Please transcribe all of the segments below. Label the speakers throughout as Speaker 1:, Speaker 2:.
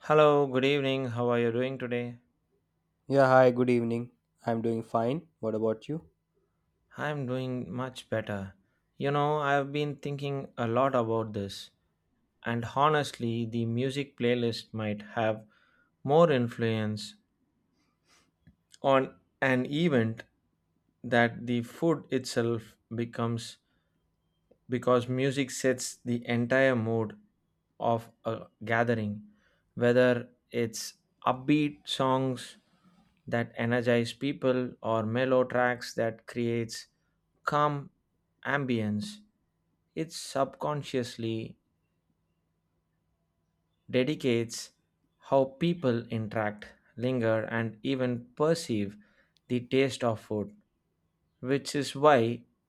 Speaker 1: Hello, good evening. How are you doing today?
Speaker 2: Yeah, hi, good evening. I'm doing fine. What about you?
Speaker 1: I'm doing much better. You know, I've been thinking a lot about this, and honestly, the music playlist might have more influence on an event that the food itself becomes because music sets the entire mood of a gathering, whether it's upbeat songs that energize people or mellow tracks that creates calm ambience, it subconsciously dedicates how people interact, linger, and even perceive the taste of food, which is why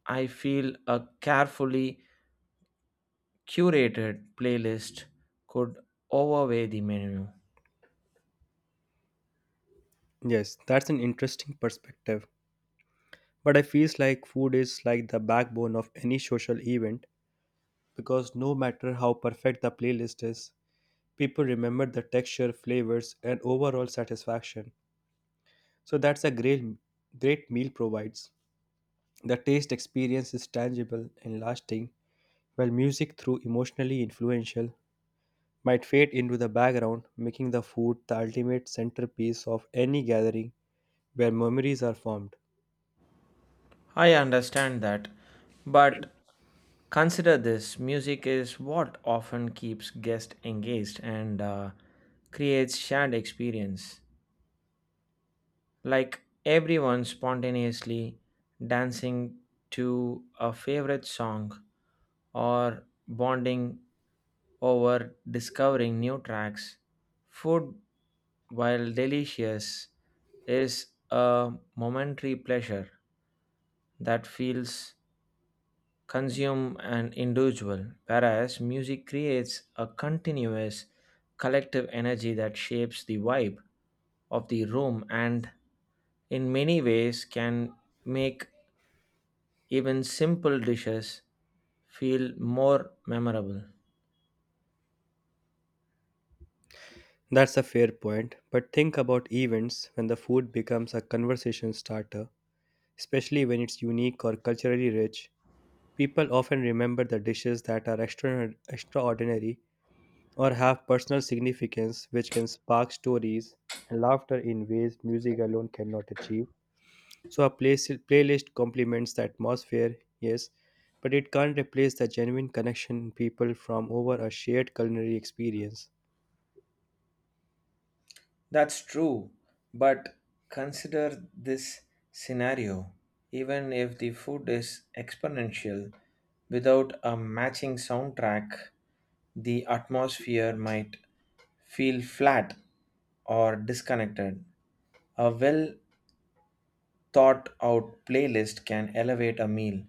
Speaker 1: I feel a carefully curated playlist could overweigh the menu.
Speaker 2: Yes, that's an interesting perspective. But I feels like food is like the backbone of any social event because no matter how perfect the playlist is, people remember the texture, flavors, and overall satisfaction. So that's a great meal provides. The taste experience is tangible and lasting, while music through emotionally influential might fade into the background, making the food the ultimate centerpiece of any gathering where memories are formed.
Speaker 1: I understand that, but consider this. Music is what often keeps guests engaged and creates shared experience. Like everyone spontaneously dancing to a favorite song or bonding over discovering new tracks. Food, while delicious, is a momentary pleasure that feels consume an individual, whereas music creates a continuous collective energy that shapes the vibe of the room and, in many ways, can make even simple dishes feel more memorable.
Speaker 2: That's a fair point, but think about events when the food becomes a conversation starter, especially when it's unique or culturally rich. People often remember the dishes that are extraordinary or have personal significance, which can spark stories and laughter in ways music alone cannot achieve. So, a playlist complements the atmosphere, yes, but it can't replace the genuine connection people from over a shared culinary experience.
Speaker 1: That's true, but consider this scenario. Even if the food is exponential, without a matching soundtrack, the atmosphere might feel flat or disconnected. A well thought out playlist can elevate a meal,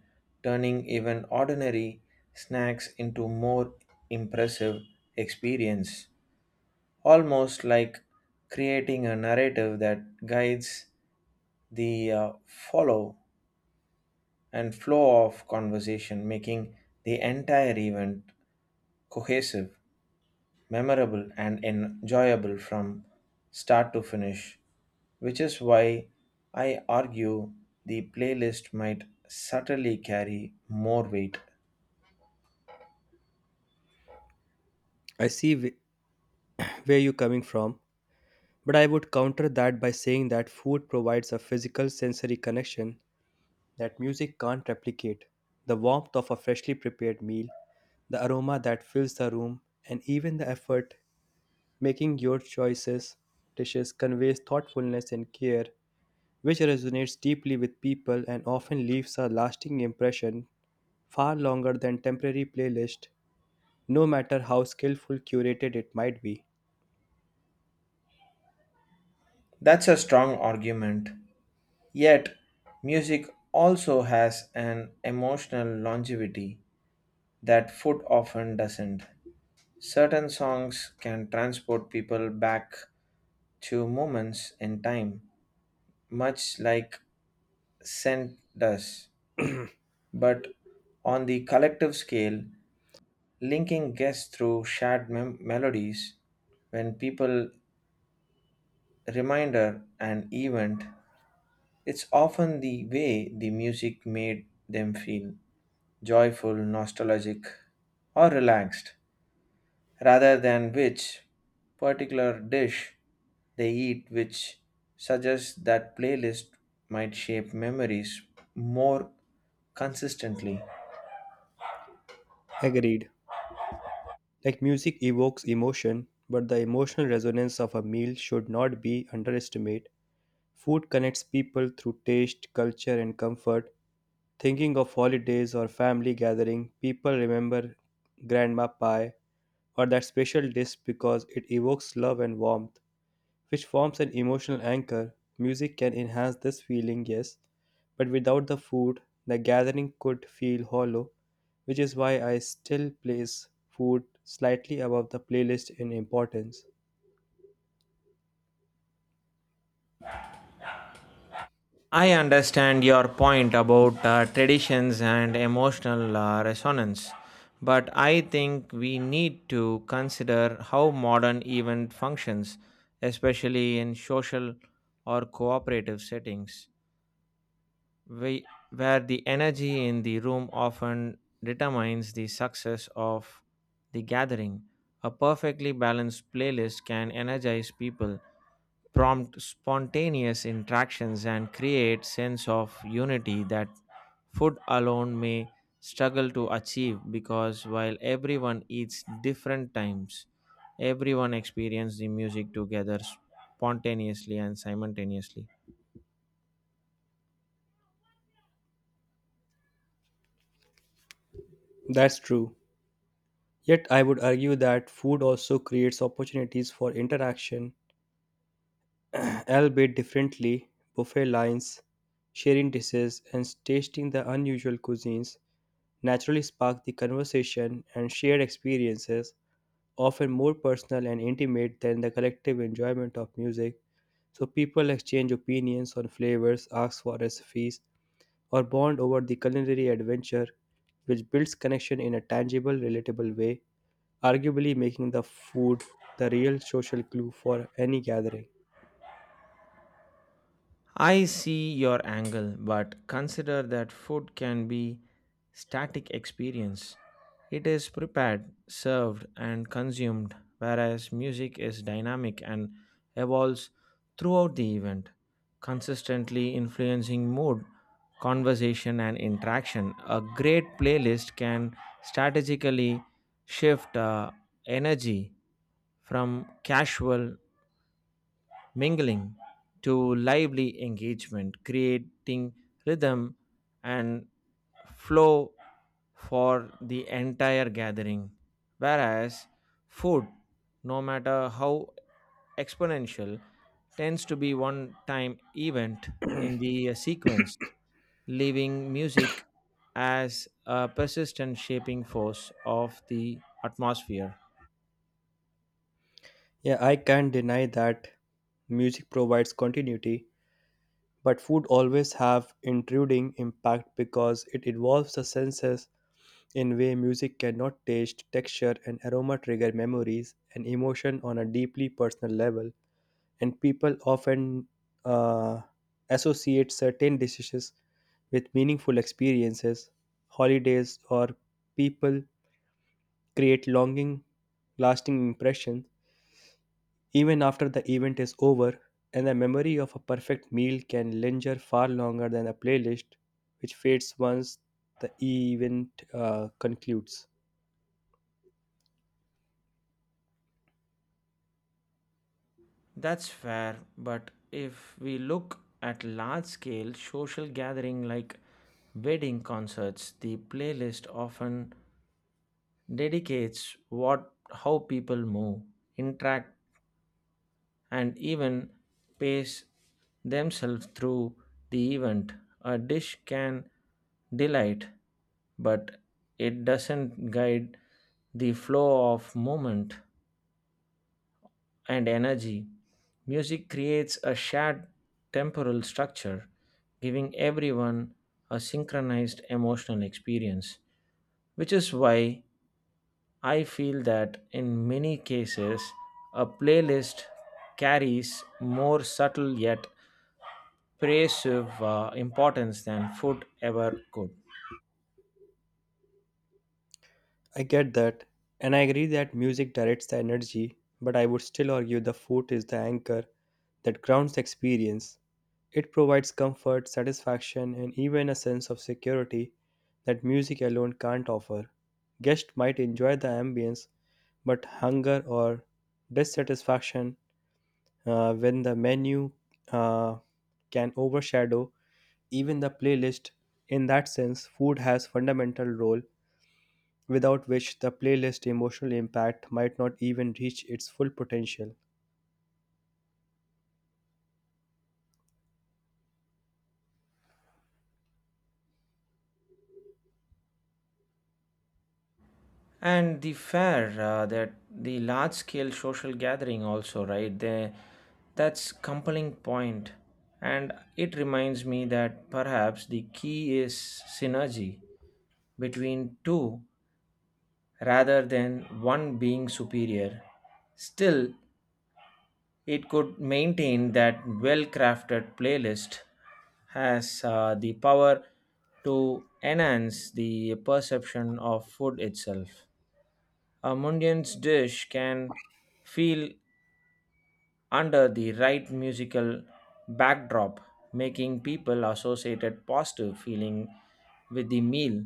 Speaker 1: turning even ordinary snacks into more impressive experience, almost like creating a narrative that guides the follow and flow of conversation, making the entire event cohesive, memorable, and enjoyable from start to finish, which is why I argue the playlist might subtly carry more weight.
Speaker 2: I see where you're coming from, but I would counter that by saying that food provides a physical sensory connection that music can't replicate. The warmth of a freshly prepared meal, the aroma that fills the room, and even the effort making your choices dishes conveys thoughtfulness and care, which resonates deeply with people and often leaves a lasting impression far longer than temporary playlist, no matter how skillful curated it might be.
Speaker 1: That's a strong argument. Yet, music also has an emotional longevity that food often doesn't. Certain songs can transport people back to moments in time, much like scent does. But on the collective scale, linking guests through shared melodies, when people remember an event, it's often the way the music made them feel joyful, nostalgic, or relaxed, rather than which particular dish they eat, which suggests that playlist might shape memories more consistently.
Speaker 2: Agreed. Like music evokes emotion, but the emotional resonance of a meal should not be underestimated. Food connects people through taste, culture, and comfort. Thinking of holidays or family gathering, people remember grandma pie or that special dish because it evokes love and warmth which forms an emotional anchor. Music can enhance this feeling, yes, but without the food, the gathering could feel hollow, which is why I still place food slightly above the playlist in importance.
Speaker 1: I understand your point about traditions and emotional resonance, but I think we need to consider how modern event functions, especially in social or cooperative settings. we, where the energy in the room often determines the success of the gathering. A perfectly balanced playlist can energize people, prompt spontaneous interactions, and create sense of unity that food alone may struggle to achieve, because while everyone eats different times, everyone experienced the music together spontaneously and simultaneously.
Speaker 2: That's true. Yet I would argue that food also creates opportunities for interaction, albeit differently. Buffet lines, sharing dishes, and tasting the unusual cuisines naturally spark the conversation and shared experiences often more personal and intimate than the collective enjoyment of music, so people exchange opinions on flavors, ask for recipes, or bond over the culinary adventure, which builds connection in a tangible, relatable way, arguably making the food the real social glue for any gathering.
Speaker 1: I see your angle, but consider that food can be static experience. It is prepared, served and consumed, whereas music is dynamic and evolves throughout the event, consistently influencing mood, conversation and interaction. A great playlist can strategically shift energy from casual mingling to lively engagement, creating rhythm and flow for the entire gathering. Whereas food, no matter how exponential, tends to be one time event in the sequence, leaving music as a persistent shaping force of the atmosphere.
Speaker 2: Yeah, I can't deny that music provides continuity, but food always have intruding impact because it involves the senses in way music cannot taste, texture and aroma trigger memories and emotion on a deeply personal level and people often uh, associate certain dishes with meaningful experiences, holidays or people create longing lasting impressions even after the event is over and the memory of a perfect meal can linger far longer than a playlist which fades once the event concludes.
Speaker 1: That's fair, but if we look at large scale social gathering like wedding concerts, the playlist often dedicates what how people move, interact and even pace themselves through the event. A dish can delight, but it doesn't guide the flow of movement and energy. Music creates a shared temporal structure, giving everyone a synchronized emotional experience, which is why I feel that in many cases, a playlist carries more subtle yet pervasive importance than food ever could.
Speaker 2: I get that, and I agree that music directs the energy, but I would still argue the food is the anchor that grounds the experience. It provides comfort, satisfaction, and even a sense of security that music alone can't offer. Guests might enjoy the ambience, but hunger or dissatisfaction when the menu uh, can overshadow even the playlist. In that sense, food has fundamental role without which the playlist emotional impact might not even reach its full potential.
Speaker 1: And the fair, that the large scale social gathering also, right? They, that's compelling point. And it reminds me that perhaps the key is synergy between two rather than one being superior. Still, it could maintain that well crafted playlist has the power to enhance the perception of food itself. A Mundian's dish can feel under the right musical backdrop, making people associated positive feeling with the meal.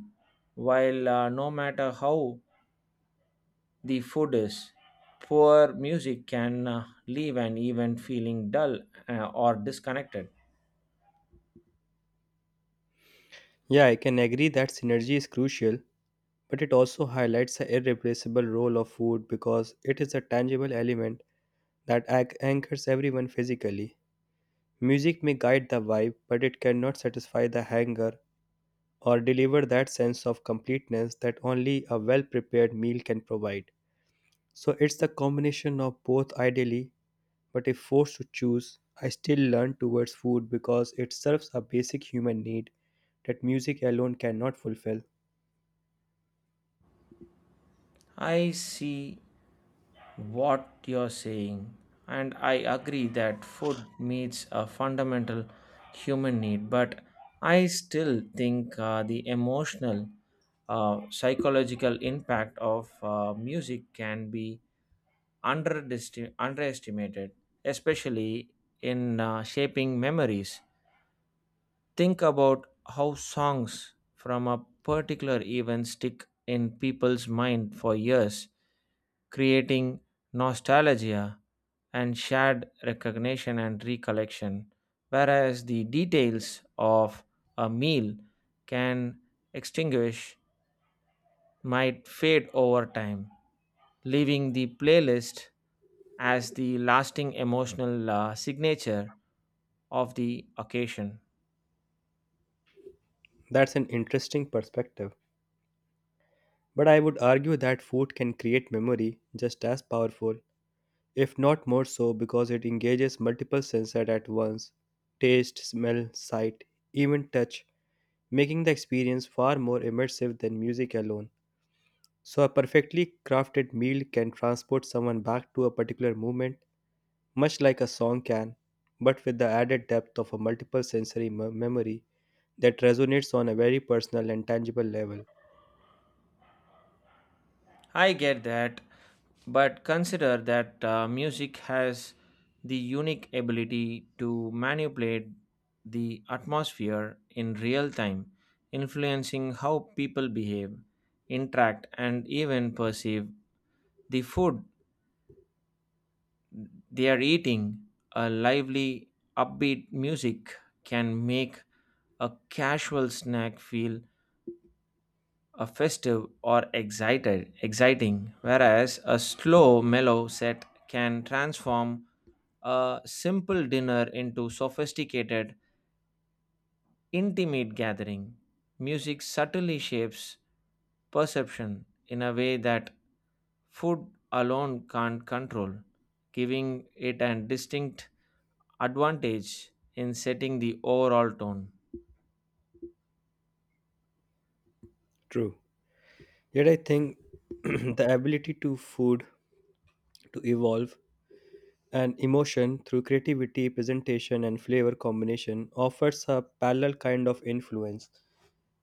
Speaker 1: While no matter how the food is, poor music can leave an event feeling dull or disconnected.
Speaker 2: Yeah, I can agree that synergy is crucial, but it also highlights the irreplaceable role of food because it is a tangible element that anchors everyone physically. Music may guide the vibe, but it cannot satisfy the hunger or deliver that sense of completeness that only a well prepared meal can provide. So it's the combination of both ideally but if forced to choose, I still lean towards food because it serves a basic human need that music alone cannot fulfill.
Speaker 1: I see what you're saying, and I agree that food meets a fundamental human need, but I still think the emotional, psychological impact of music can be underestimated, especially in shaping memories. Think about how songs from a particular event stick in people's mind for years, creating nostalgia and shared recognition and recollection, whereas the details of a meal can extinguish, might fade over time, leaving the playlist as the lasting emotional signature of the occasion.
Speaker 2: That's an interesting perspective. But I would argue that food can create memory just as powerful, if not more so, because it engages multiple senses at once taste, smell, sight, even touch, making the experience far more immersive than music alone. So, a perfectly crafted meal can transport someone back to a particular moment much like a song can, but with the added depth of a multiple sensory memory that resonates on a very personal and tangible level.
Speaker 1: I get that, but consider that music has the unique ability to manipulate the atmosphere in real time, influencing how people behave, interact, and even perceive the food they are eating. A lively, upbeat music can make a casual snack feel a festive or excited exciting, whereas a slow mellow set can transform a simple dinner into sophisticated intimate gathering. Music subtly shapes perception in a way that food alone can't control, giving it a distinct advantage in setting the overall tone.
Speaker 2: True. Yet I think the ability to food to evolve and emotion through creativity, presentation, and flavor combination offers a parallel kind of influence.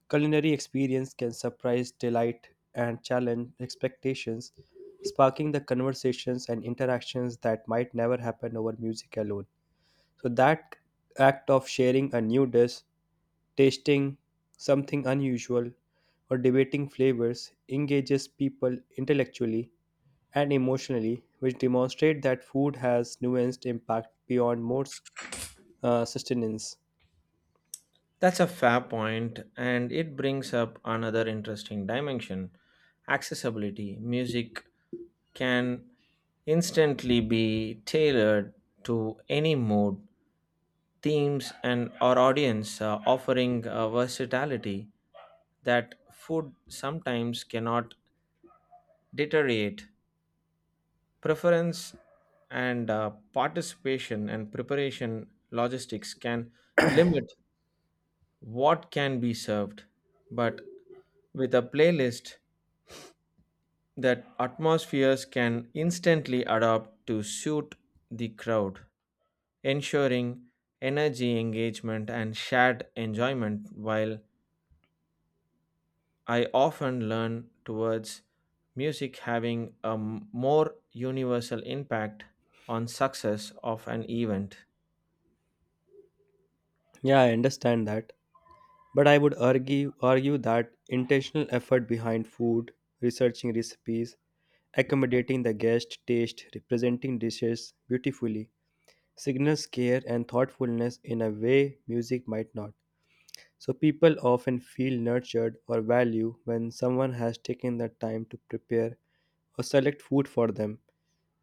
Speaker 2: Culinary experience can surprise, delight, and challenge expectations, sparking the conversations and interactions that might never happen over music alone. So, that act of sharing a new dish, tasting something unusual, or debating flavors engages people intellectually and emotionally, which demonstrate that food has nuanced impact beyond more sustenance.
Speaker 1: That's a fair point, and it brings up another interesting dimension: accessibility. Music can instantly be tailored to any mood, themes, and or audience, offering a versatility that food sometimes cannot deteriorate. Preference and participation and preparation logistics can limit what can be served, but with a playlist that atmospheres can instantly adapt to suit the crowd, ensuring energy engagement and shared enjoyment. While I often learn towards music having a more universal impact on success of an event.
Speaker 2: Yeah, I understand that. But I would argue that intentional effort behind food, researching recipes, accommodating the guest taste, representing dishes beautifully, signals care and thoughtfulness in a way music might not. So people often feel nurtured or value when someone has taken the time to prepare or select food for them,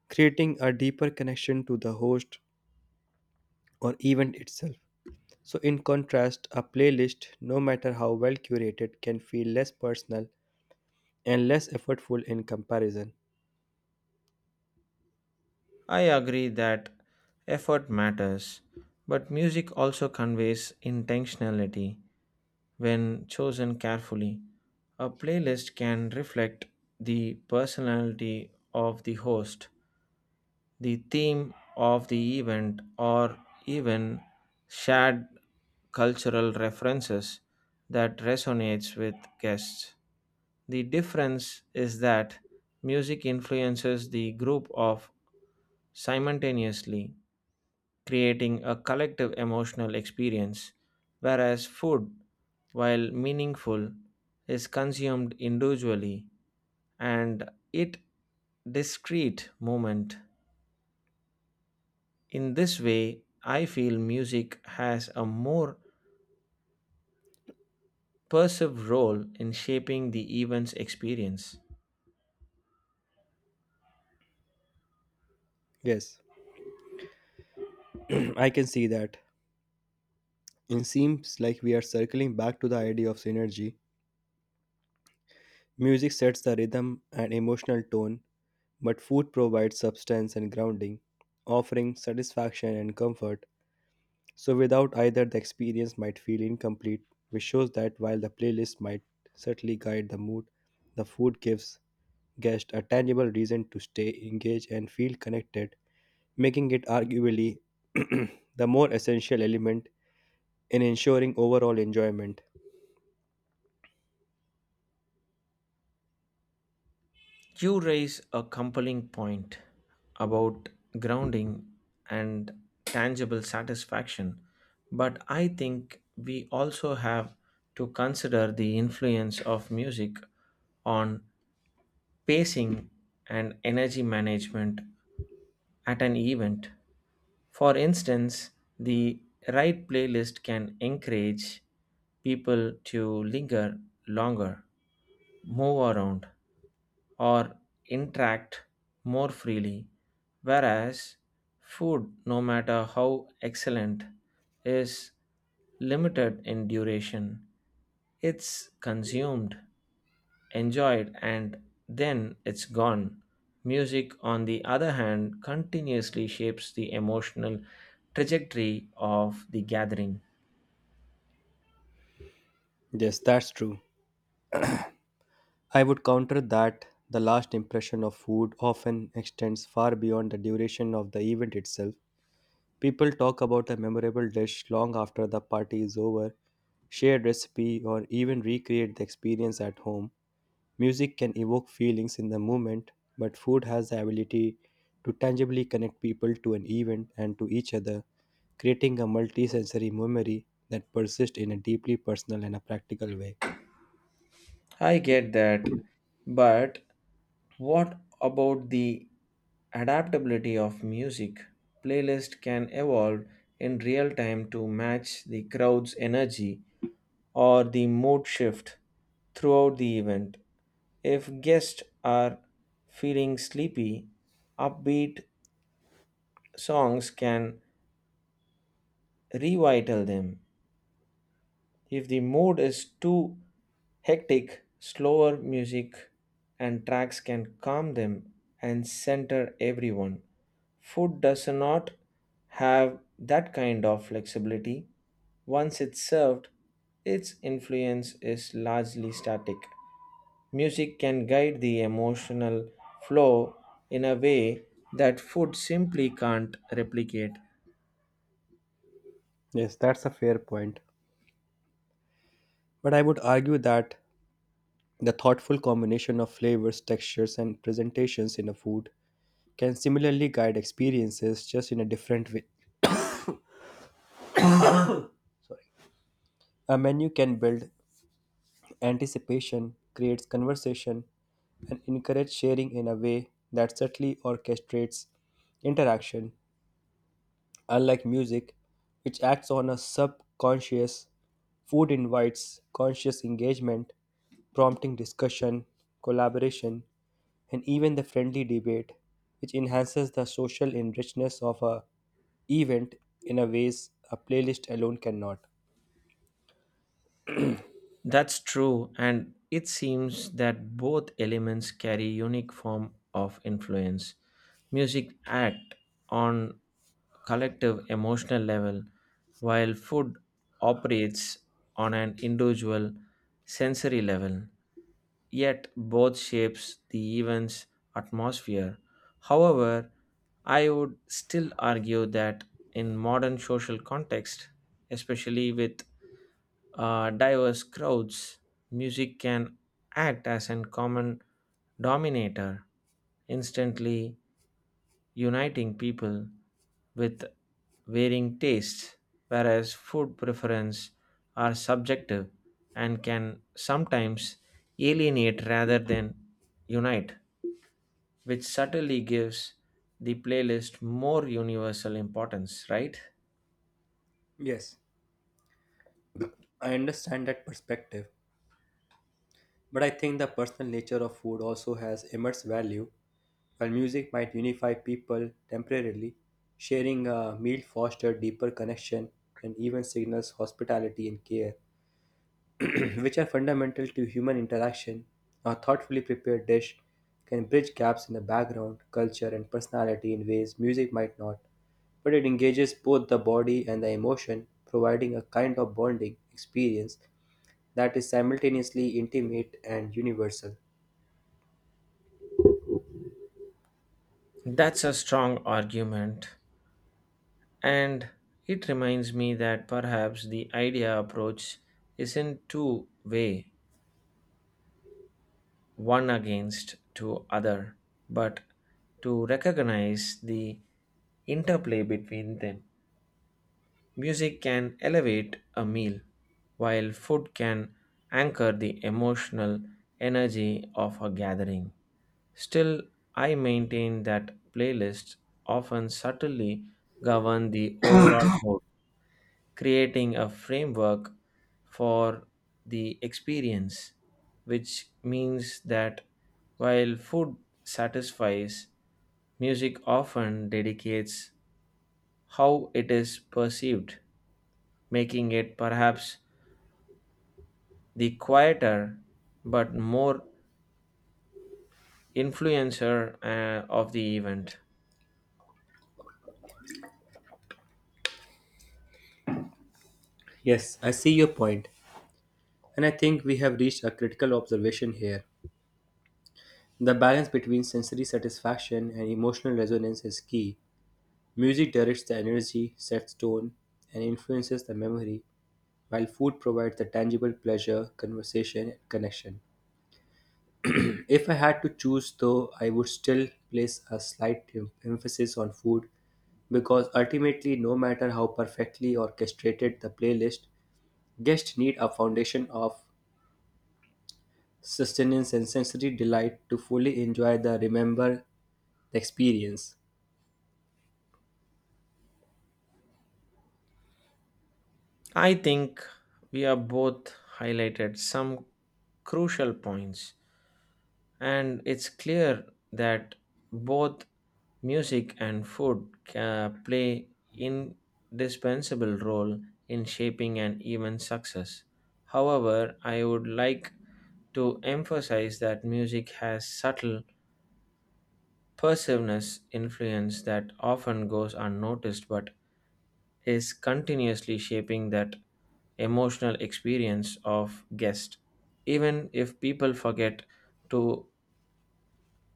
Speaker 2: creating a deeper connection to the host or event itself. So, in contrast, a playlist, no matter how well curated, can feel less personal and less effortful in comparison.
Speaker 1: I agree that effort matters, but music also conveys intentionality when chosen carefully. A playlist can reflect the personality of the host, the theme of the event, or even shared cultural references that resonates with guests. The difference is that music influences the group of simultaneously, creating a collective emotional experience, whereas food, while meaningful, is consumed individually and it discrete moment. In this way, I feel music has a more pervasive role in shaping the event's experience.
Speaker 2: Yes, I can see that. It seems like we are circling back to the idea of synergy. Music sets the rhythm and emotional tone, but food provides substance and grounding, offering satisfaction and comfort. So, without either, the experience might feel incomplete, which shows that while the playlist might certainly guide the mood, the food gives guests a tangible reason to stay engaged and feel connected making it arguably the more essential element in ensuring overall enjoyment.
Speaker 1: You raise a compelling point about grounding and tangible satisfaction, but I think we also have to consider the influence of music on pacing and energy management at an event. For instance, the right playlist can encourage people to linger longer, move around, or interact more freely, whereas food, no matter how excellent, is limited in duration. It's consumed, enjoyed, and then it's gone. Music, on the other hand, continuously shapes the emotional trajectory of the gathering.
Speaker 2: Yes, that's true. I would counter that the last impression of food often extends far beyond the duration of the event itself. People talk about a memorable dish long after the party is over, share recipe, or even recreate the experience at home. Music can evoke feelings in the moment, but food has the ability to tangibly connect people to an event and to each other, creating a multisensory memory that persists in a deeply personal and a practical way.
Speaker 1: I get that, but what about the adaptability of music? Playlist can evolve in real time to match the crowd's energy or the mood shift throughout the event. If guests are feeling sleepy, upbeat songs can revital them. If the mood is too hectic, slower music and tracks can calm them and center everyone. Food does not have that kind of flexibility. Once it's served, its influence is largely static. Music can guide the emotional flow in a way that food simply can't replicate.
Speaker 2: Yes, that's a fair point. But I would argue that the thoughtful combination of flavors, textures, and presentations in a food can similarly guide experiences just in a different way. A menu can build anticipation, creates conversation, and encourage sharing in a way that subtly orchestrates interaction. Unlike music, which acts on a subconscious, food invites conscious engagement, prompting discussion, collaboration, and even the friendly debate, which enhances the social enrichness of a event in a ways a playlist alone cannot.
Speaker 1: That's true, and it seems that both elements carry unique form of influence. Music act on collective emotional level, while food operates on an individual sensory level. Yet both shapes the event's atmosphere. However, I would still argue that in modern social context, especially with diverse crowds, music can act as a common dominator, instantly uniting people with varying tastes, whereas food preferences are subjective and can sometimes alienate rather than unite, which subtly gives the playlist more universal importance, right?
Speaker 2: Yes, I understand that perspective. But I think the personal nature of food also has immense value. While music might unify people temporarily, sharing a meal fosters deeper connection and even signals hospitality and care, which are fundamental to human interaction. A thoughtfully prepared dish can bridge gaps in the background, culture, and personality in ways music might not, but it engages both the body and the emotion, providing a kind of bonding experience that is simultaneously intimate and universal.
Speaker 1: That's a strong argument. And it reminds me that perhaps the idea approach isn't two way, one against to other, but to recognize the interplay between them. Music can elevate a meal, while food can anchor the emotional energy of a gathering. Still, I maintain that playlists often subtly govern the overall mood, creating a framework for the experience, which means that while food satisfies, music often dedicates how it is perceived, making it perhaps the quieter but more influencer of the event.
Speaker 2: Yes, I see your point, and I think we have reached a critical observation here. The balance between sensory satisfaction and emotional resonance is key. Music directs the energy, sets tone, and influences the memory, while food provides the tangible pleasure, conversation, and connection. If I had to choose, though, I would still place a slight emphasis on food because ultimately no matter how perfectly orchestrated the playlist guests need a foundation of sustenance, and sensory delight to fully enjoy the remember the experience.
Speaker 1: I think we have both highlighted some crucial points, and it's clear that both music and food ca play indispensable role in shaping an event's success. However, I would like to emphasize that music has subtle pervasiveness influence that often goes unnoticed but is continuously shaping that emotional experience of guest, even if people forget to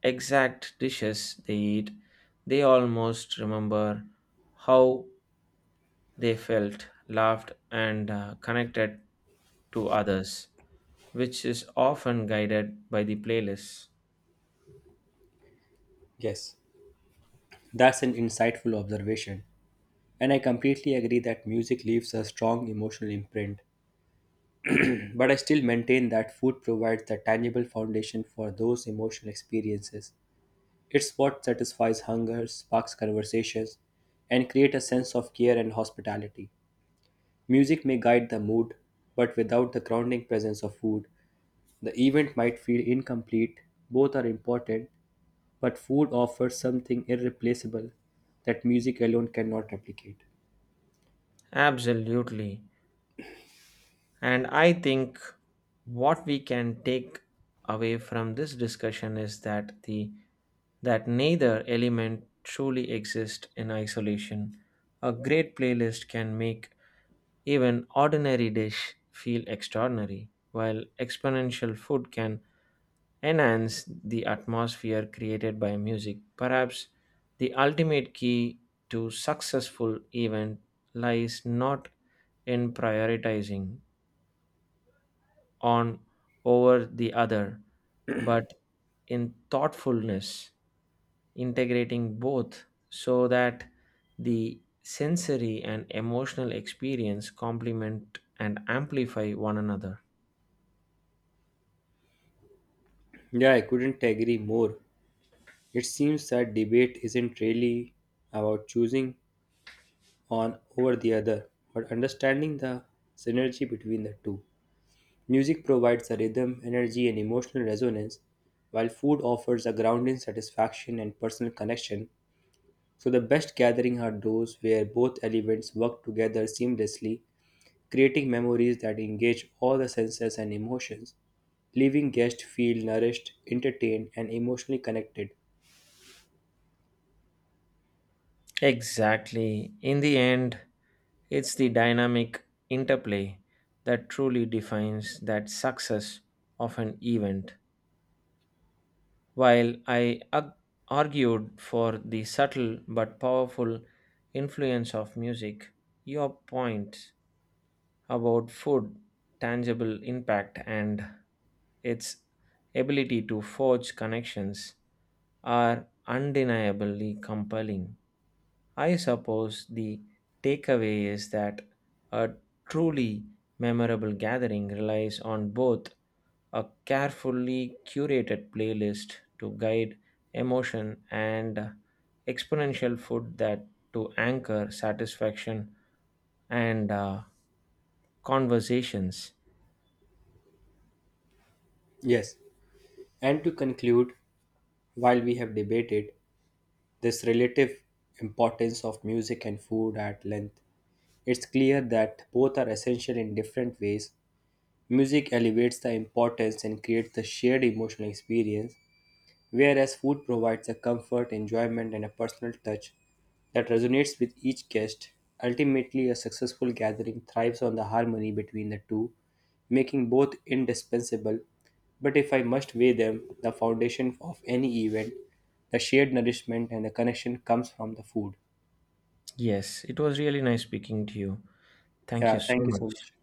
Speaker 1: exact dishes they eat, they almost remember how they felt, laughed, and connected to others, which is often guided by the playlist.
Speaker 2: Yes, that's an insightful observation. And I completely agree that music leaves a strong emotional imprint. But I still maintain that food provides the tangible foundation for those emotional experiences. It's what satisfies hunger, sparks conversations, and create a sense of care and hospitality. Music may guide the mood, but without the grounding presence of food, the event might feel incomplete, both are important, but food offers something irreplaceable that music alone cannot replicate.
Speaker 1: Absolutely. And I think what we can take away from this discussion is that the that neither element truly exists in isolation. A great playlist can make even ordinary dish feel extraordinary, while exponential food can enhance the atmosphere created by music. Perhaps the ultimate key to successful event lies not in prioritizing on over the other, but in thoughtfulness integrating both so that the sensory and emotional experience complement and amplify one another.
Speaker 2: Yeah, I couldn't agree more. It seems that debate isn't really about choosing on over the other, but understanding the synergy between the two. Music provides a rhythm, energy, and emotional resonance, while food offers a grounding satisfaction and personal connection. So, the best gathering are those where both elements work together seamlessly creating memories that engage all the senses and emotions, leaving guests feel nourished, entertained, and emotionally connected.
Speaker 1: Exactly. In the end, it's the dynamic interplay that truly defines that success of an event. While I argued for the subtle but powerful influence of music, your point about food tangible impact and its ability to forge connections are undeniably compelling. I suppose the takeaway is that a truly memorable gathering relies on both a carefully curated playlist to guide emotion and exponential food that to anchor satisfaction and conversations.
Speaker 2: Yes, and to conclude, while we have debated this relative importance of music and food at length, it's clear that both are essential in different ways. Music elevates the importance and creates the shared emotional experience, whereas food provides a comfort, enjoyment, and a personal touch that resonates with each guest, ultimately, a successful gathering thrives on the harmony between the two, making both indispensable. But if I must weigh them, the foundation of any event, the shared nourishment and the connection comes from the food.
Speaker 1: Yes, it was really nice speaking to you. Thank
Speaker 2: Yeah,
Speaker 1: you so
Speaker 2: thank you so
Speaker 1: much.
Speaker 2: much.